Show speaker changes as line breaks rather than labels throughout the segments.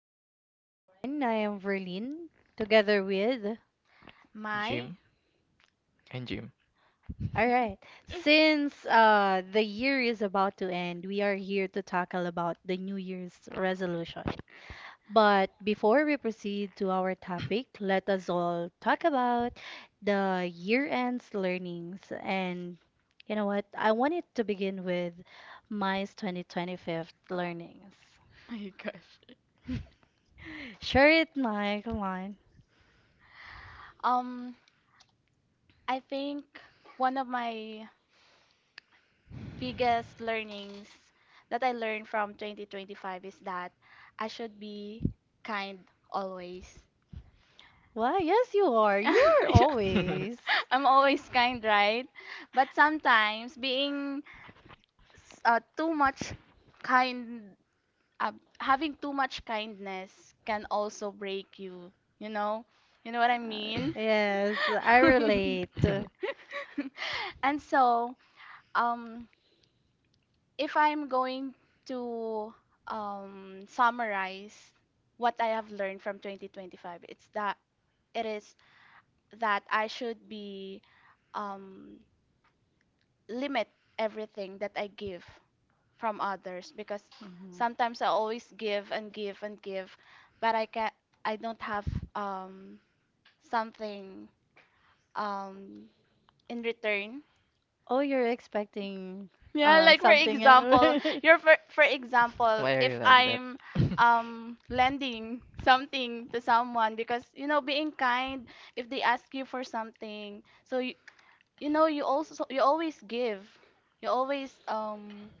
Hi, good evening, everyone. I am Verlene, together with.
My,
Gym and gym.
All right. Since the year is about to end, we are here to tackle about the New Year's resolution. But before we proceed to our topic, let us all talk about the year-end's learnings. And you know what? I wanted to begin with my 2025 learnings.
my gosh.
Share it, Mike. Come on.
Um, I think one of my biggest learnings that I learned from 2025 is that I should be kind always.
Why? Yes, you are. You are
Yeah.
always.
I'm always kind, right? But sometimes being too much kind, uh, having too much kindness can also break you. You know, you know what I mean.
Yes, I relate. Mhm.
And so um if I'm going to summarize what I have learned from 2025, it is that I should be um limit everything that I give from others because sometimes I always give and give and give, but I don't have um something um in return.
Oh, you're expecting
Yeah, like for
something.
example, you're for example,
Why are you
if
like that?
I'm lending something to someone because, you know, being kind, if they ask you for something, so you know, you also, you always give. You always um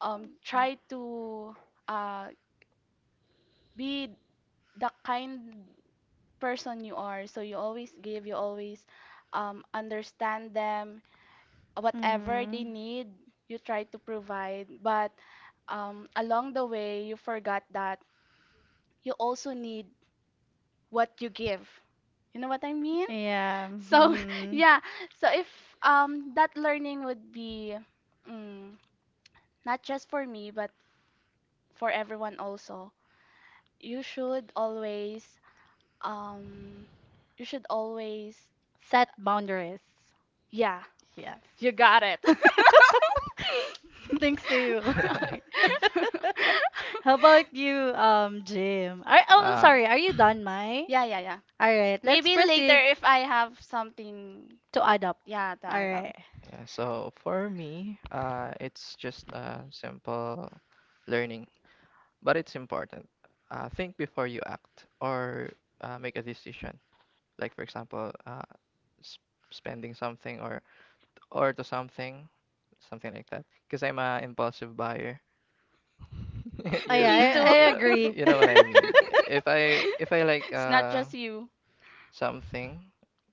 um try to uh be the kind person you are. So you always give, you always understand them, whatever they
Hmm.
need, you try to provide. But along the way, you forgot that you also need what you give. You know what I mean?
Yeah.
So
Hmm.
yeah, so if that learning would be mm, not just for me but for everyone also, you um should always.
Set boundaries.
Yeah,
Yes.
you got it.
Thanks too.
Okay.
How about you, Jim? Oh, I'm
uh,
sorry. Are you done, Mai?
Yeah, yeah, yeah.
All right, let's
Maybe later
proceed
if I have something,
to adopt.
yeah, to
All
add up.
right.
yeah, so for me, it's just a simple learning, but it's important. Think before you act or make a decision. Like for example, sp spending something or to something, something like that. Because I'm a impulsive buyer.
Oh,
Yeah,
Me
yeah, I,
too.
I
yeah,
agree.
you know what I mean. If I like
It's not just you.
something,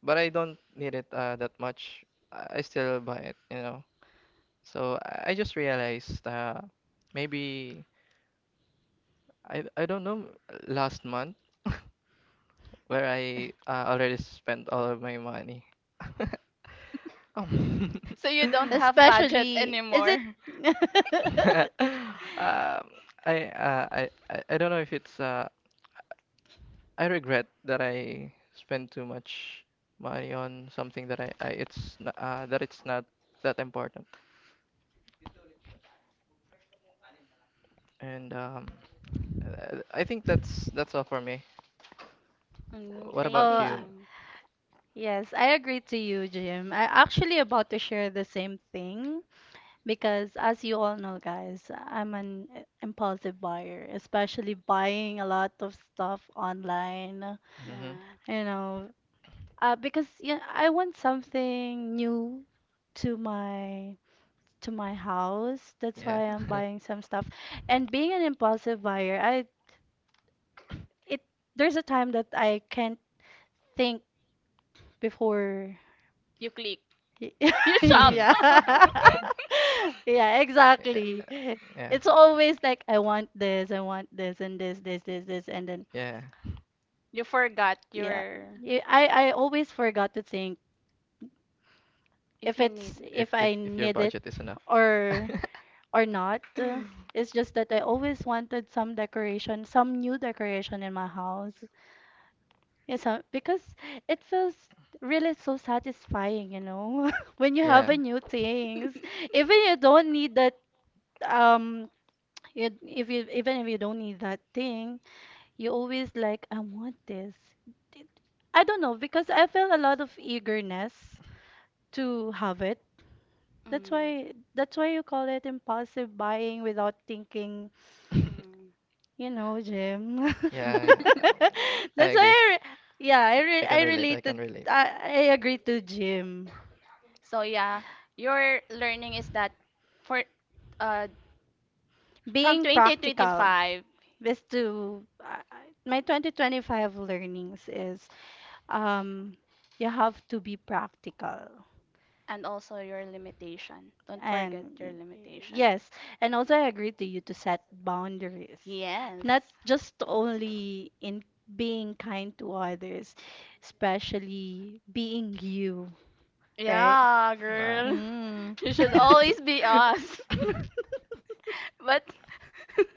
but I don't need it that much, I still buy it. So I just realized maybe I don't know last month where I already spent all of my money. Um,
So you don't have budget
Especially, is it?
anymore.
um, I, uh, I don't know if it's I regret that I spent too much money on something that I it's n- that it's not that important. And I think that's all for me.
Mm,
What
thank
about
you,
Oh,
you?
Jim.
yes, I agree to you, Jim. I actually about to share the same thing because as you all know, guys, I'm an impulsive buyer, especially buying a lot of stuff online,
Mm-hmm.
Yeah.
you know, because yeah, I want something new to my house. That's
Yeah.
why
Mm.
I'm buying some stuff. And being an impulsive buyer, I it there's a time that I can't think before.
You click. You shop.
Yeah. Yeah,
Yeah.
exactly.
Yeah.
It's always like I want this, I want this, and this, this, this, this, and then
Yeah.
You forgot
yeah,
your
I always forgot to think
if
if
you need.
it's if
If if
I
if your
need it
budget is enough.
or not. It's just that I always wanted some new decoration in my house. Yes, because it feels really so satisfying, when you have
Yeah.
a new things. Even you don't need that, um you, if you even if you don't need that thing, you always like I want this. Did- I don't know because I feel a lot of eagerness to have it. That's
Mm.
why that's why you call it impulsive buying without thinking.
Mm.
You know, Jim.
Yeah. I
That's why
agree.
I, re- yeah, I re
I
I
can relate. I
related.
can relate.
I agree to Jim.
So yeah, your learning is that for uh from
Being practical
2025,
is to I- My 2025 learnings is, um you have to be practical,
and also your limitation. Don't forget your
and,
limitation. Yes.
yes, and also I agree to you to set boundaries,
Yeah,
not just only in being kind to others, especially being you, right?
Uh,
girl.
Hmm.
You should always be us. But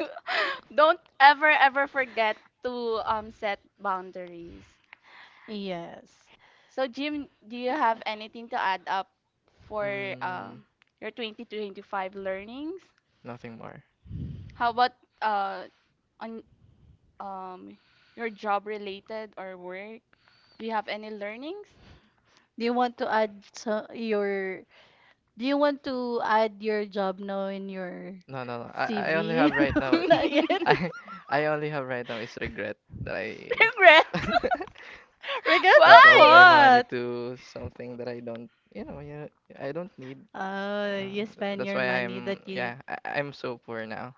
don't ever ever forget to set boundaries.
Yes.
So Jim, do you have anything to add up for
Mm,
your 2025 learnings?
Nothing more.
How about uh, on um, your job related or work? Do you have any learnings?
Do you want to add so your do you want to add your job now in your
No, no, no. I only
CV?
have right now.
Not yet.
Regrets?
I I only have right now is regret that I
Regards
spent
of
all my
Why?
money
what?
to something that I don't, you know, I don't need.
You spend
That's
your
why
money that
I'm,
you.
yeah, I'm so poor now.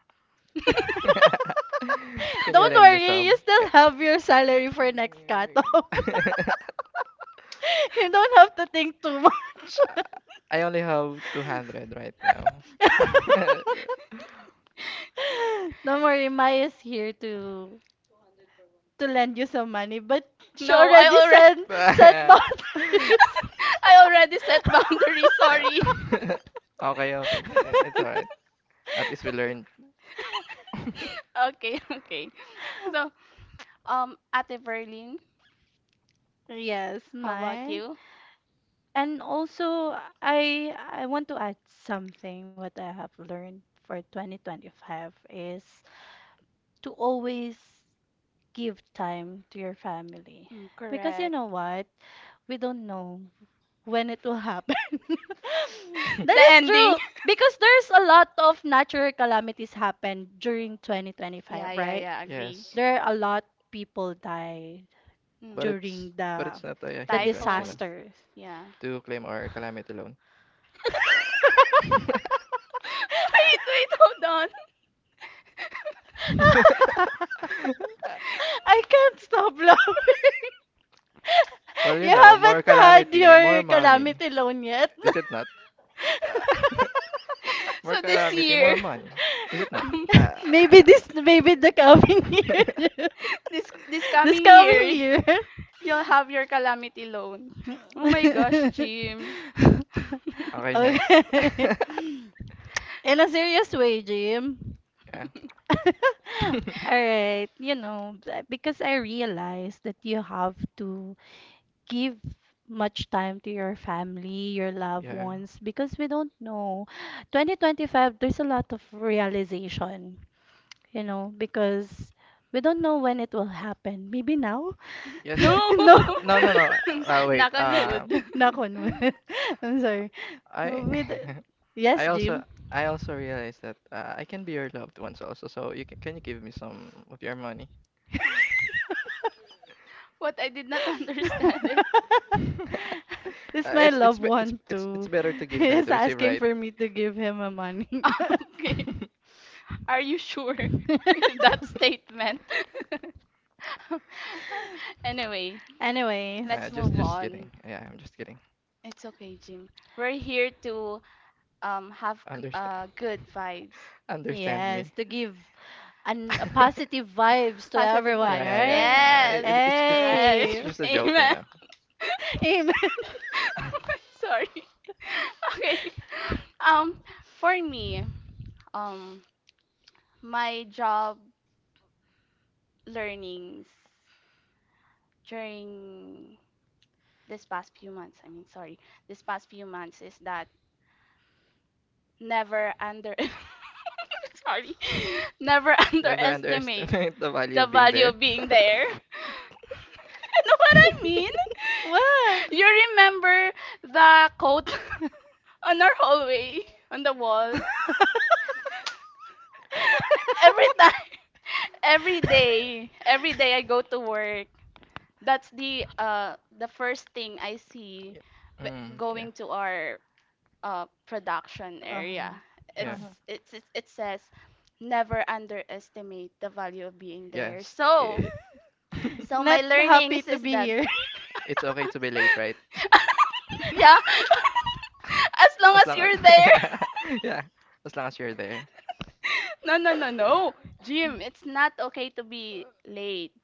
Can you
Don't
lend me
worry, you
some?
still
Ca-
have your salary for next cut-off. You don't have to think too much.
I only have 200 right now.
Don't worry, Mai is here to lend you some money, but she
No, I
already
already
said set boundaries.
I already set boundaries. Sorry.
Okay, okay. It's alright. At least we learned.
Okay. So, Ate Verlin,
Yes,
how about
my.
you?
And also, I want to add something what I have learned for 2025 is to always give time to your family.
Mm,
Because you
correct.
know what? We don't know when it will happen. That
The
is And
ending.
true, because there's a lot of natural calamities happen during
Yeah,
2025,
yeah,
right?
yeah, agree.
Yeah.
Yes,
There are a lot people died
Mm.
but it's
during
but
the
it's not a
the
hindrance,
Typhoons.
disasters.
Yeah.
to claim our calamity loan.
Hold on.
I can't stop laughing.
Well,
You
more
haven't had
calamity, more
your
money.
calamity loan yet.
Is it not? More
So this
calamity,
year,
more money. Is it not?
um,
Ah.
Maybe the coming year.
this this
This
coming coming
coming
year,
year.
you'll have your calamity loan. Oh my gosh, Jim.
Okay, next.
Okay. In a serious way, Jim.
Yeah.
All right, because I realize that you have to give much time to your family, your loved
Yeah.
ones, because we don't know. 2025, there's a lot of realization, because we don't know when it will happen. Maybe now,
Yes.
No.
no.
Uh, no, no, no. Wait.
Knock on wood.
Knock on wood. I'm sorry.
I,
With
I
yes,
also,
Jim.
I also realized that I can be your loved ones also. So can you give me some of your money?
What I did not understand it.
It's my
It's
loved
be-
one
it's
too.
better to give than
He's
to receive,
asking
right?
for me to give him a money.
Okay. Are you sure with that statement? Anyway,
Anyways,
Nah,
let's
just
move
just kidding.
on.
Yeah, I'm just kidding.
It's okay, Jim. We're here to have
Understand,
good vibes.
understand
yes,
me.
to give a positive
Yeah,
vibes to
Positive
everyone,
yeah,
vibes.
yeah,
right?
yeah.
Yes.
It,
Correct.
it's
Hey,
just a joke, you
Amen.
know.
amen.
Sorry. Okay. Um for me, um my job learnings during this past few months, I mean, sorry, this past few months is that never under sorry, never
Never
underestimate
underestimate the value
the
of being
value
there.
of being there. You know what I mean?
Yeah.
What?
You remember the quote on our hallway on the wall? Every time, every day I go to work, that's the first thing I see
Mm, yeah.
going to our production
Uh-huh.
area. It's,
Yeah.
Uh-huh.
it's it says never underestimate the value of being there.
Yes.
So
Not
my learning
happy to
is
be
that
here.
It's okay to be late, right?
yeah, as long
As
as
long as
you're there.
Yeah, yeah, as long as you're there.
No, Jim. It's not okay to be late.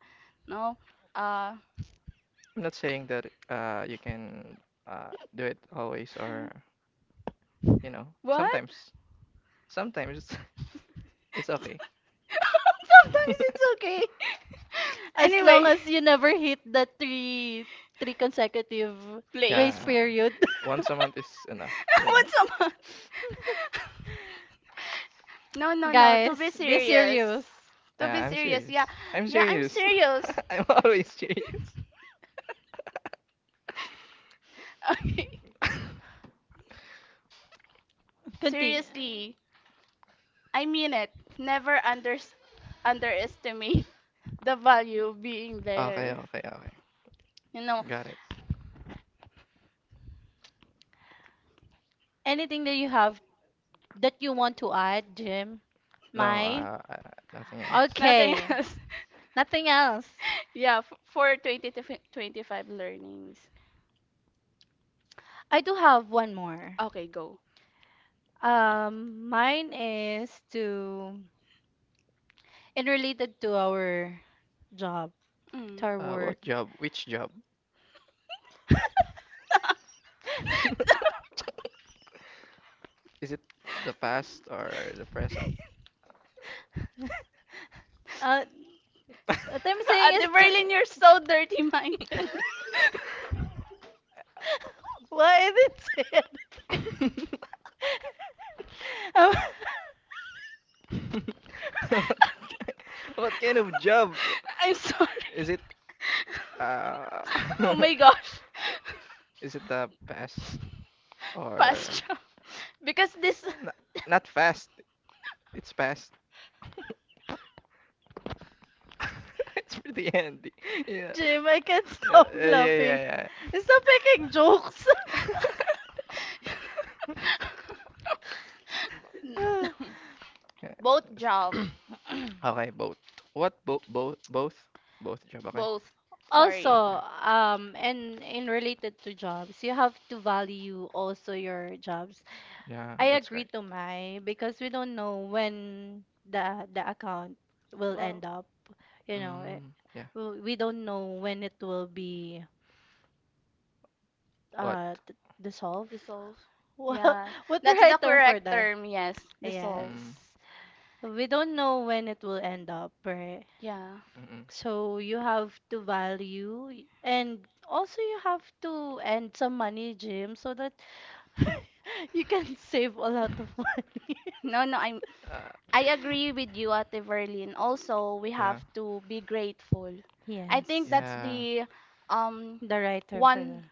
No. Uh,
I'm not saying that you can do it always or you know,
what?
sometimes sometimes it's okay.
Sometimes it's okay.
As long
Anyway,
as you never hit the three consecutive
late.
grace
Yeah.
period.
Once a month is enough, you know.
Once a month. No, no, no. To be
Guys, be
serious.
serious.
To be
I'm
serious,
serious.
yeah.
I'm
Yeah, I'm
serious.
serious.
I'm always serious.
Okay.
Continue.
Seriously, I mean it. Never underestimate the value of being
Okay,
there.
okay, okay.
You know,
Got it.
Anything that you have that you want to add, Jim?
No,
My?
nothing else.
nothing
Okay.
else.
Nothing else.
Yeah, for 25 learnings.
I do have one more.
Okay, go.
Mine is to and related to our job,
Mm.
to our work.
What job? Which job? Is it the past or the present?
Uh, what I'm saying
At
is
the
to.
Berlin, you're so dirty-minded.
Why I didn't say anything? Um,
Okay. What kind of job?
I'm
Is
sorry.
it uh
Oh my gosh.
is it the past or
Pasture. Because this
not, not fast? It's past. It's pretty handy. Yeah.
Jim, I can't
Yeah,
stop
yeah, yeah,
laughing.
yeah.
Stop making jokes.
Yeah.
both job,
Okay, both. What? Both? Both? Both? Both job. Okay.
both. Sorry.
Okay.
Also, and in related to jobs, you have to value also your jobs.
Yeah,
I
that's
agree
great.
to my because we don't know when the account will end
Well,
up. You know, it,
Mm, yeah.
we don't know when it will be
What?
uh d- dissolved.
dissolve.
What
Yeah,
what the
that's
right
the
term for
correct
that?
term. Yes,
Yes.
dissolve.
Mm,
We don't know when it will end up, right?
Yeah.
mm-mm.
So you have to value and also you have to end some money, Jim, so that you can save a lot of money.
No, no, I'm.
Uh,
I agree with you, Ate Verlin. Also, we
yeah.
have to be grateful. I think
Yes.
that's
Yeah.
the um
The right term for that.
one.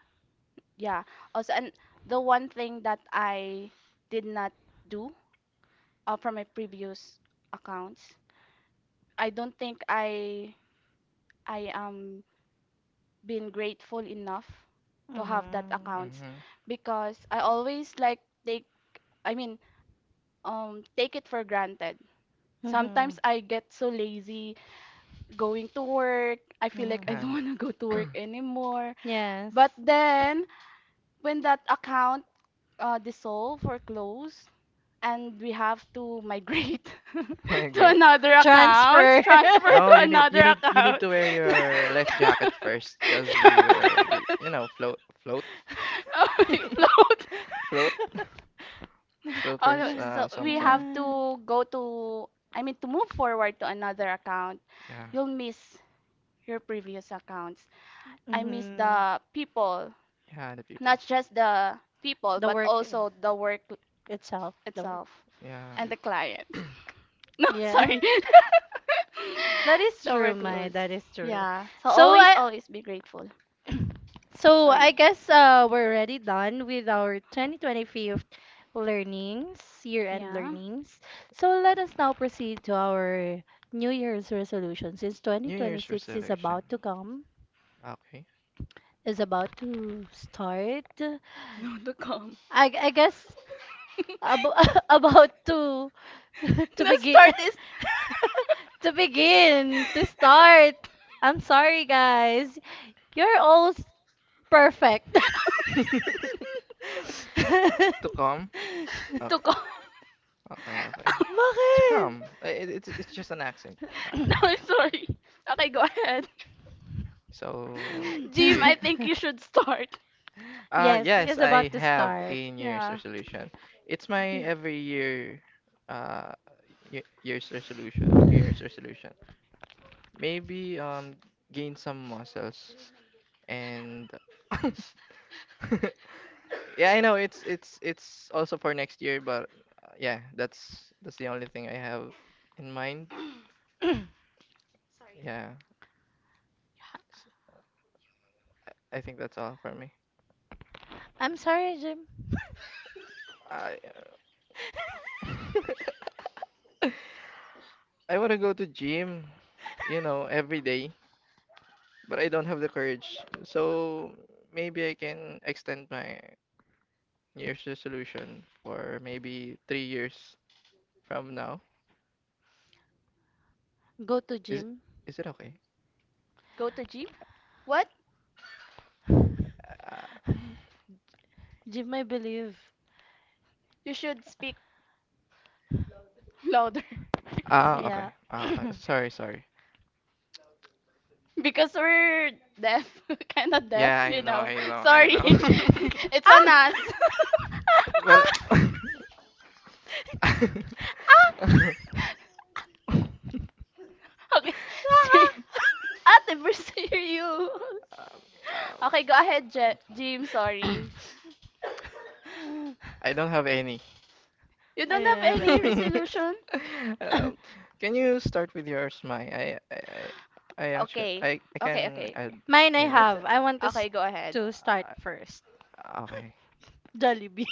Yeah. Also, and the one thing that I did not do from my previous accounts. I don't think I am been grateful enough to have that
Mm-hmm.
accounts
Mm-hmm.
because I always like take I mean take it for granted.
Mm-hmm.
Sometimes I get so lazy going to work. I feel like
Mm-hmm.
I
Yeah.
don't want to go to work anymore.
Yes.
But then when that account dissolve or close, and we have to migrate
Okay,
to
great.
another account.
Transfer.
Transfer. Transfer
No,
to
you need
another
you need you need
account.
to wear your life jacket first, because we will be
Yeah.
float
Oh my float.
float float
Oh,
for
no, so
some
we have
time.
Mhm.
to go to, I mean, to move forward to another account.
Yeah,
You'll miss your previous accounts. I miss the people,
yeah, the people.
not just the people,
The
but
work
also the work
itself, the work.
itself
Yeah,
and the clients. No,
Yeah.
sorry.
That is
So we're
true, Mai.
close.
That is true.
Yeah. So
So
always,
I,
always be grateful. Sorry.
Guess we're already done with our 2025 learnings, year-end
Yeah.
learnings. So let us now proceed to our New Year's resolution. Since
New Year's
2026 is
resolution.
about to come,
Okay.
is about to start.
No, to come.
I guess
The
ab about to to begin
start is
to begin to start. I'm sorry, guys. You're all perfect.
To come.
to
Okay,
come.
okay, okay. To
Bakit?
come. It's just an accent. Uh,
No,
yeah.
I'm
Yeah.
sorry. Okay, go ahead.
So do
Jim,
you,
I think you should start.
Yes,
Yes,
it's
I
about to
have
start.
a New Year's
Yeah.
resolution. It's my every year, uh, New Year's resolution. New Year's resolution. Maybe gain some muscles and yeah, I know it's also for next year, but yeah, that's the only thing I have in mind. Yeah, s- I think that's all for me.
I'm sorry, Jim.
I uh, I want to go to gym, every day. But I don't have the courage. So maybe I can extend my New Year's resolution for maybe 3 years from now.
Go to
Is
Jim.
is it okay?
Go to Jim. What?
Uh,
Jim, I believe.
You should speak louder.
ah,
Yeah.
okay. Uh, uh,
Ah!
sorry, sorry.
Because we're deaf, kind of deaf,
Yeah, I
you
know,
know.
I know, I
Sorry.
know.
It's on us.
Ah!
Well,
Ah!
um,
Okay. Ser-
Ah!
Ate, we're serious.
um,
Okay, go ahead, Jim. Sorry.
I don't have any.
You
I
don't
don't
have
have
any
any.
resolution?
Um, can you start with yours, Mai? I, I, I actually,
Okay.
I
Okay,
can
okay. Okay.
add,
Mine
you
I
know.
have. I want to,
Okay, go ahead.
to start first.
Okay.
Jollibee.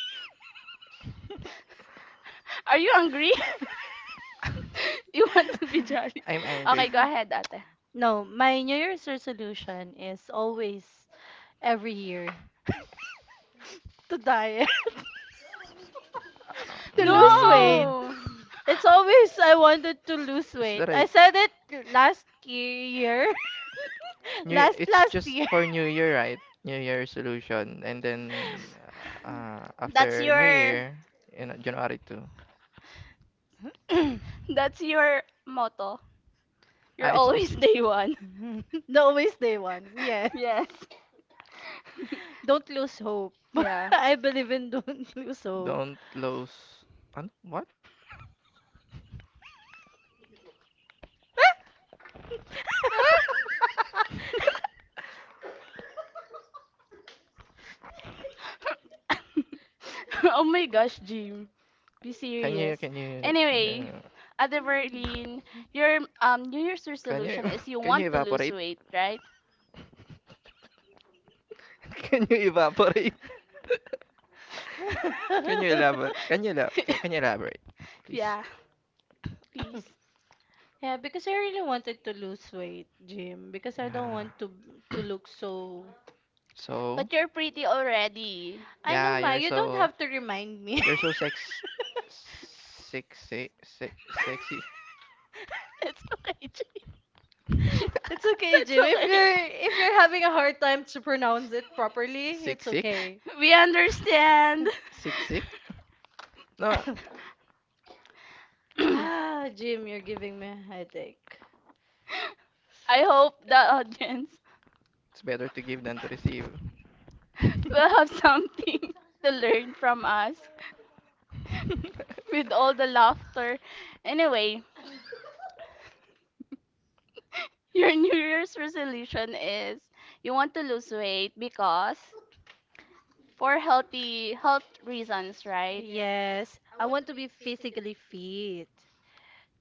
Are you hungry? You want to be jolly?
I'm
Okay,
angry.
go ahead, ate.
No, my New Year's resolution is always every year to diet, to lose weight.
Um,
No!
It's always I wanted to lose
is
weight.
that a
I said it last year,
new?
last
It's
last
just
year.
for New Year, right? New Year resolution, and then
That's
after New
your
Year, January 2.
that's your motto.
Ah,
You're always day one.
No, always day one. Yeah,
Yes. Yes.
don't lose hope.
yeah.
I believe in don't lose hope.
don't lose. Ano? What?
do so. Oh my gosh, Jim. Be
Can
serious.
you can you can you?
Anyway, at the Berlin, your New Year's
Can you
resolution is you
can you
want to lose
evaporate?
weight, right?
Can you evaporate? Can you elaborate? Can you elaborate, please?
yeah, please.
Yeah, because I really wanted to lose weight, Jim, because I don't
Yeah.
want to look so.
So,
But you're pretty already.
I know,
yeah,
Ma,
you're
you don't
so
have to remind me.
you're so sexy.
It's okay, Jim.
It's okay,
That's
Jim. If
okay.
you're if you're having a hard time to pronounce it properly,
Sick
it's
sick
okay.
We understand.
sick sick. No,
Ah, Jim, you're giving me a headache.
I hope the audience
it's better to give than to receive.
will have something to learn from us with all the laughter. Anyway, your New Year's resolution is you want to lose weight because for healthy health reasons, right?
Yes, I want to be physically fit.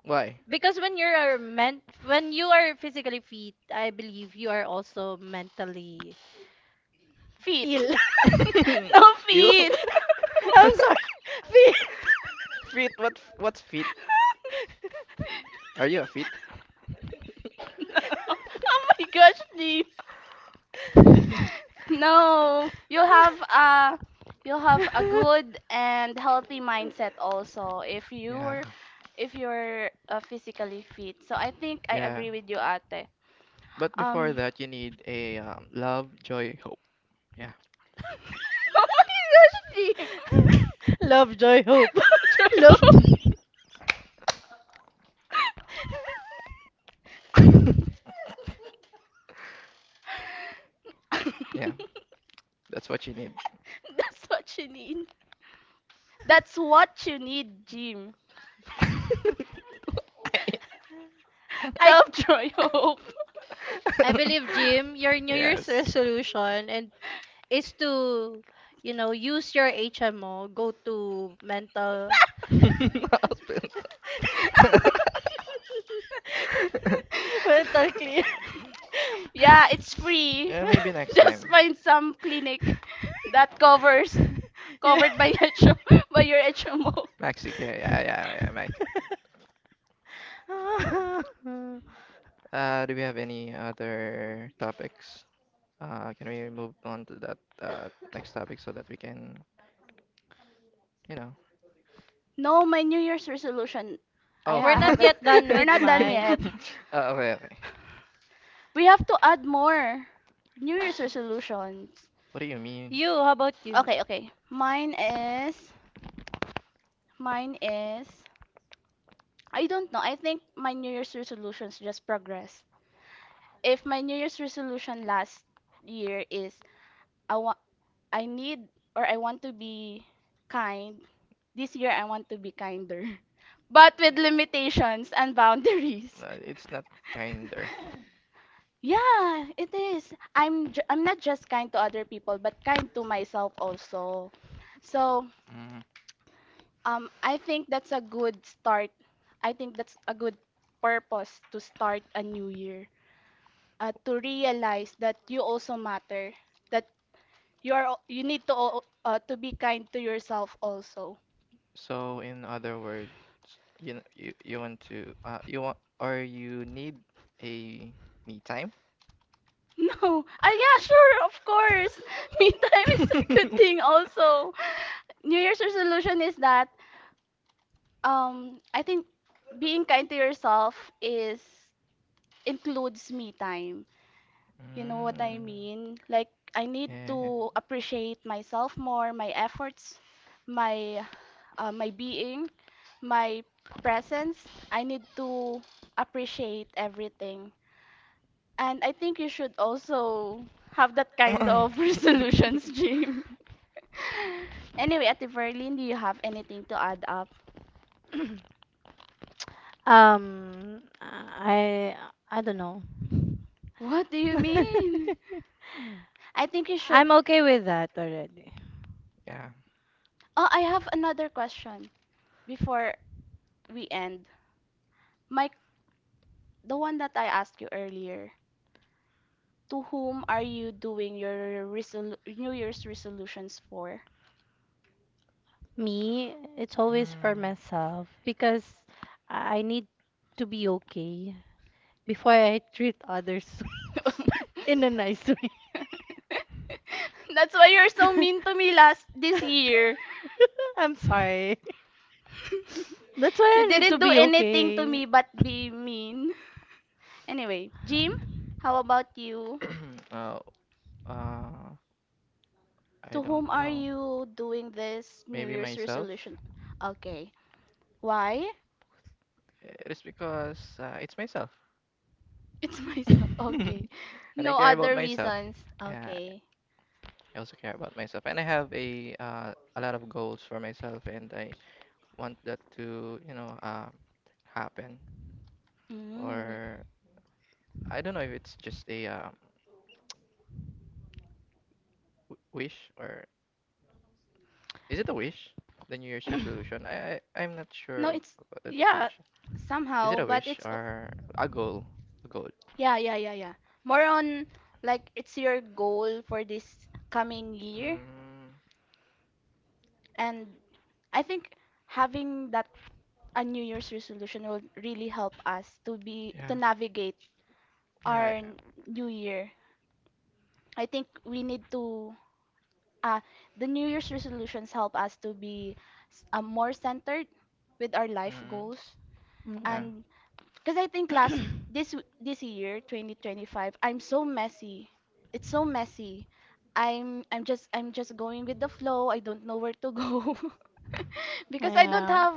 Why?
Because when you are physically fit, I believe you are also mentally
Feet.
ill.
no
You?
feet.
I'm sorry, fit.
Fit? What? What's fit? Are you a fit?
No. Oh my gosh, Lee. No, you'll have a good and healthy mindset also
Yeah,
if you're physically fit. So I think I
yeah.
agree with you, Ate.
But before
Um,
that, you need a love, joy, hope. Yeah,
oh my gosh, G.
Love, joy, hope.
Joke.
Love.
yeah. That's what you need.
That's what you need. That's what you need, Jim.
I
Love, joy, hope.
I believe, Jim, your New Year's
Yes.
resolution and is to, use your HMO, go to mental
Husband.
mental clear.
Um,
yeah, it's free.
yeah, maybe next
Just
time.
find some clinic that covers
Yeah.
covered by HO, by your HMO.
Maxi, yeah, yeah, yeah, yeah, Max. Do we have any other topics? Can we move on to that next topic so that we can, you know?
No, my New Year's resolution,
Oh.
We're not
haven't.
yet done
We're
with
not done
my.
uh,
yet.
okay, okay.
We have to add more New Year's resolutions.
What do you mean?
You, how about you?
Okay, okay. Mine is I don't know. I think my New Year's resolutions just progress. If my New Year's resolution last year is I want I need or I want to be kind, this year I want to be kinder. But with limitations and boundaries.
It's not kinder.
Yeah, it is. I'm not just kind to other people, but kind to myself also. So,
Mm.
I think that's a good start. I think that's a good purpose to start a new year. To realize that you also matter, that you need to to be kind to yourself also.
So, in other words, you kn- you want to you want or you need a me time?
no ah yeah sure of course me time is a good thing also. New year's resolution is that I think being kind to yourself is includes me time. You know what I
Mm.
mean, like I need
Yeah.
to appreciate myself more, my efforts, my my being, my presence. I need to appreciate everything. And I think you should also have that kind of resolutions, Jim. Anyway, Ate Verlin, do you have anything to add up?
Um, I I don't know.
What do you mean? I think you should.
I'm okay with that already.
Yeah.
Oh, I have another question before we end. My, the one that I asked you earlier. To whom are you doing your New Year's resolutions for?
Me, it's always for
Hmm.
myself because I need to be okay before I treat others in a nice way.
That's why you're so mean to me last this year.
I'm sorry. That's
You
why I need to
didn't do
be
anything to
okay.
me but be mean. Anyway, Jim, how about you?
uh, I
To
don't
whom are
know.
you doing this New
Maybe
Year's
myself.
resolution? Okay. Why?
It is because it's myself.
It's myself. Okay.
And I
No
care about
other
myself.
reasons.
Yeah,
Okay.
I also care about myself. And I have a lot of goals for myself, and I want that to, happen
Mm.
or I don't know if it's just wish or is it a wish? The New Year's resolution. I'm not sure
No, it's
about the
yeah,
definition. Is it
somehow,
a
but
wish
it's o-
or a goal? A goal.
yeah, yeah, yeah, yeah. More on like it's your goal for this coming year,
Mm,
and I think having that a New Year's resolution will really help us to be
yeah.
to navigate
Yeah.
our new year. I think we need to uh, the New Year's resolutions help us to be more centered with our life
Mm,
goals
yeah.
Mm.
and because I think last this this year 2025 I'm so messy. It's so messy. I'm just going with the flow. I don't know where to go. because I don't
Yeah,
have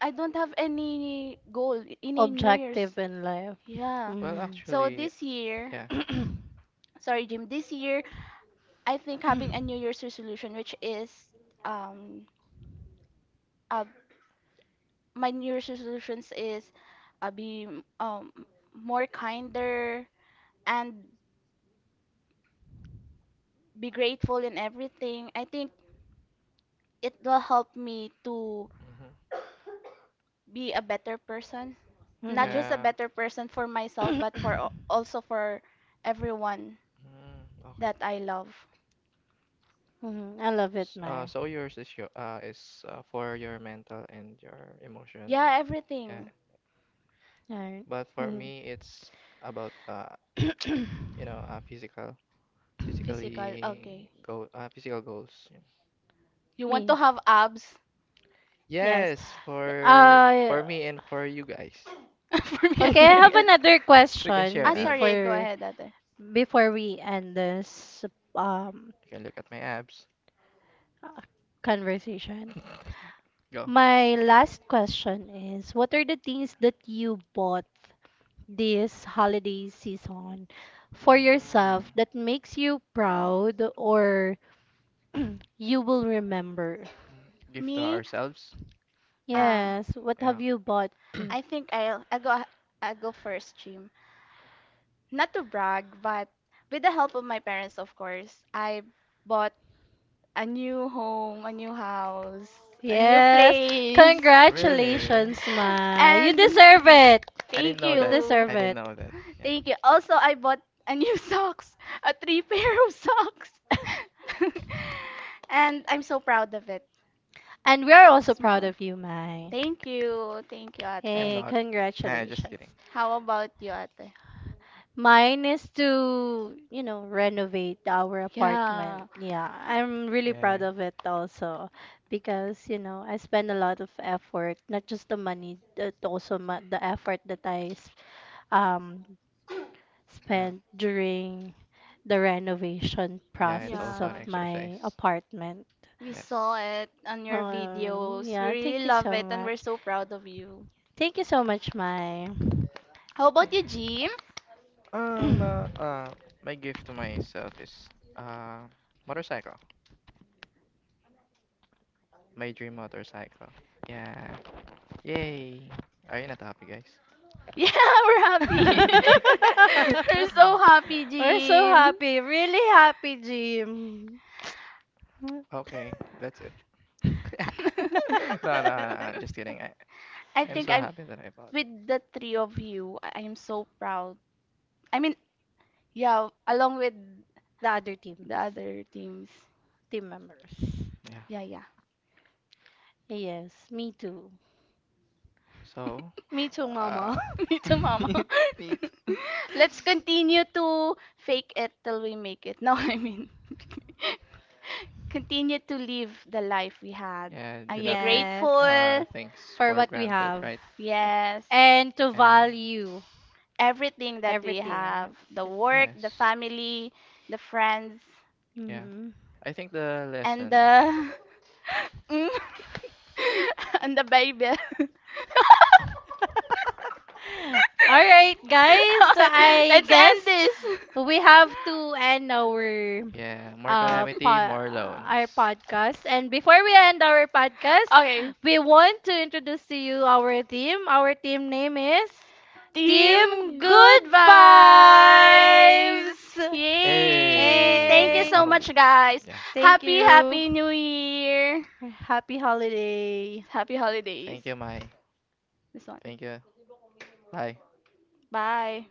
any goal in a New Year's.
objective in life.
Yeah.
Well,
Mm-hmm.
So
actually,
this year,
yeah.
sorry, Jim, this year, I think having a New Year's resolution, which is um, uh, my New Year's resolutions is be um, more kinder and be grateful in everything. I think it will help me to
Hmm.
be a better person, not
Mm-hmm.
just a
Yeah.
better person for myself, but also for everyone
Mm, okay.
that I love.
I love it, Mar.
So yours is your is for your mental and your emotion.
Yeah,
Yeah.
everything
Alright.
But for
Mhm.
me, it's about physical.
physical.
Physically
Okay.
goal, physical goals. Yeah.
You want to
Me.
have abs?
Yes.
Yes, for
Uh
me and for you guys.
For me, and
okay,
for you
I have
guys.
another
We can
question
Ah,
share
sorry.
abs.
Go
before
ahead, Ate.
we end this um
You can look at my abs.
uh, conversation.
Go.
My last question is what are the things that you bought this holiday season for
Mm.
yourself that makes you proud or you will remember?
Give to
Me,
ourselves. Yeah.
uh,
Yes, what have
Yeah.
you bought?
I think I'll I go first, Jim. Not to brag, but with the help of my parents, of course, I bought a new home, a new house, a new
Yes.
place.
Okay. Really?
Congratulations, Ma. You
And
deserve it.
I didn't
thank
know
You
that.
you.
deserve
I didn't
it.
know that. Yeah.
Thank you. Also, I bought a new socks, a three pair of socks. And I'm so proud of it.
And we are also proud
Small.
of you, Mai.
Thank you. Thank you,
I'm
ate.
Hey,
not. Nah, just kidding.
congratulations.
How about you, ate?
Mine is to, renovate our apartment.
Yeah.
Yeah, I'm really
Yeah.
proud of it also because, I spend a lot of effort, not just the money, but also the effort that I um
Yeah.
spent during the renovation
Yeah, it's
process
also an
Yeah.
of my
exercise.
apartment.
We saw
Yes.
it on your
Um,
videos. We
yeah, thank
really
you
love
so
it and we're
much.
so proud of you.
Thank you so much, Mai.
How about you, Jim?
Um, uh, uh, my gift to myself is motorcycle. My dream motorcycle. Yeah. Yay. Are you not happy, guys?
Yeah, we're happy. we're so
Uh,
happy,
We're so
Jim.
happy, really happy, Jim.
okay, that's it. No, no, no, just kidding.
I
I'm
think
so
I'm
happy that I bought it.
with the three of you. I am so proud. I mean, yeah, along with
The other team,
the other teams.
members.
Yeah.
Yeah, yeah.
Yes, me too.
So,
Me too,
uh,
Mama.
Me too, Mama.
neat, neat.
Let's continue to fake it till we make it. No, I mean, continue to live the life we had
Yeah, do
and be
not take
Yes,
grateful.
things
for
for
what we
granted,
have
right?
Yes.
and to
And
value
Everything that we have,
everything.
the work, the
yes.
family, the friends,
Yeah.
Mhm.
I think the
and
lesson.
the Mm. and the baby.
All right, guys, I
Let's
guess
end this.
we have to end our
Yeah. More calamity, more loans.
our podcast, and before we end our podcast
Okay,
we want to introduce to you our team name is team
team, good
good
vibes.
vibes.
Yay! Thank you
Hey.
Hey,
so
On.
much, guys.
Yeah.
thank
Happy,
you.
happy New Year.
Happy holiday.
Happy holidays.
Thank you, Mai.
This one.
Thank you. Bye.
Bye.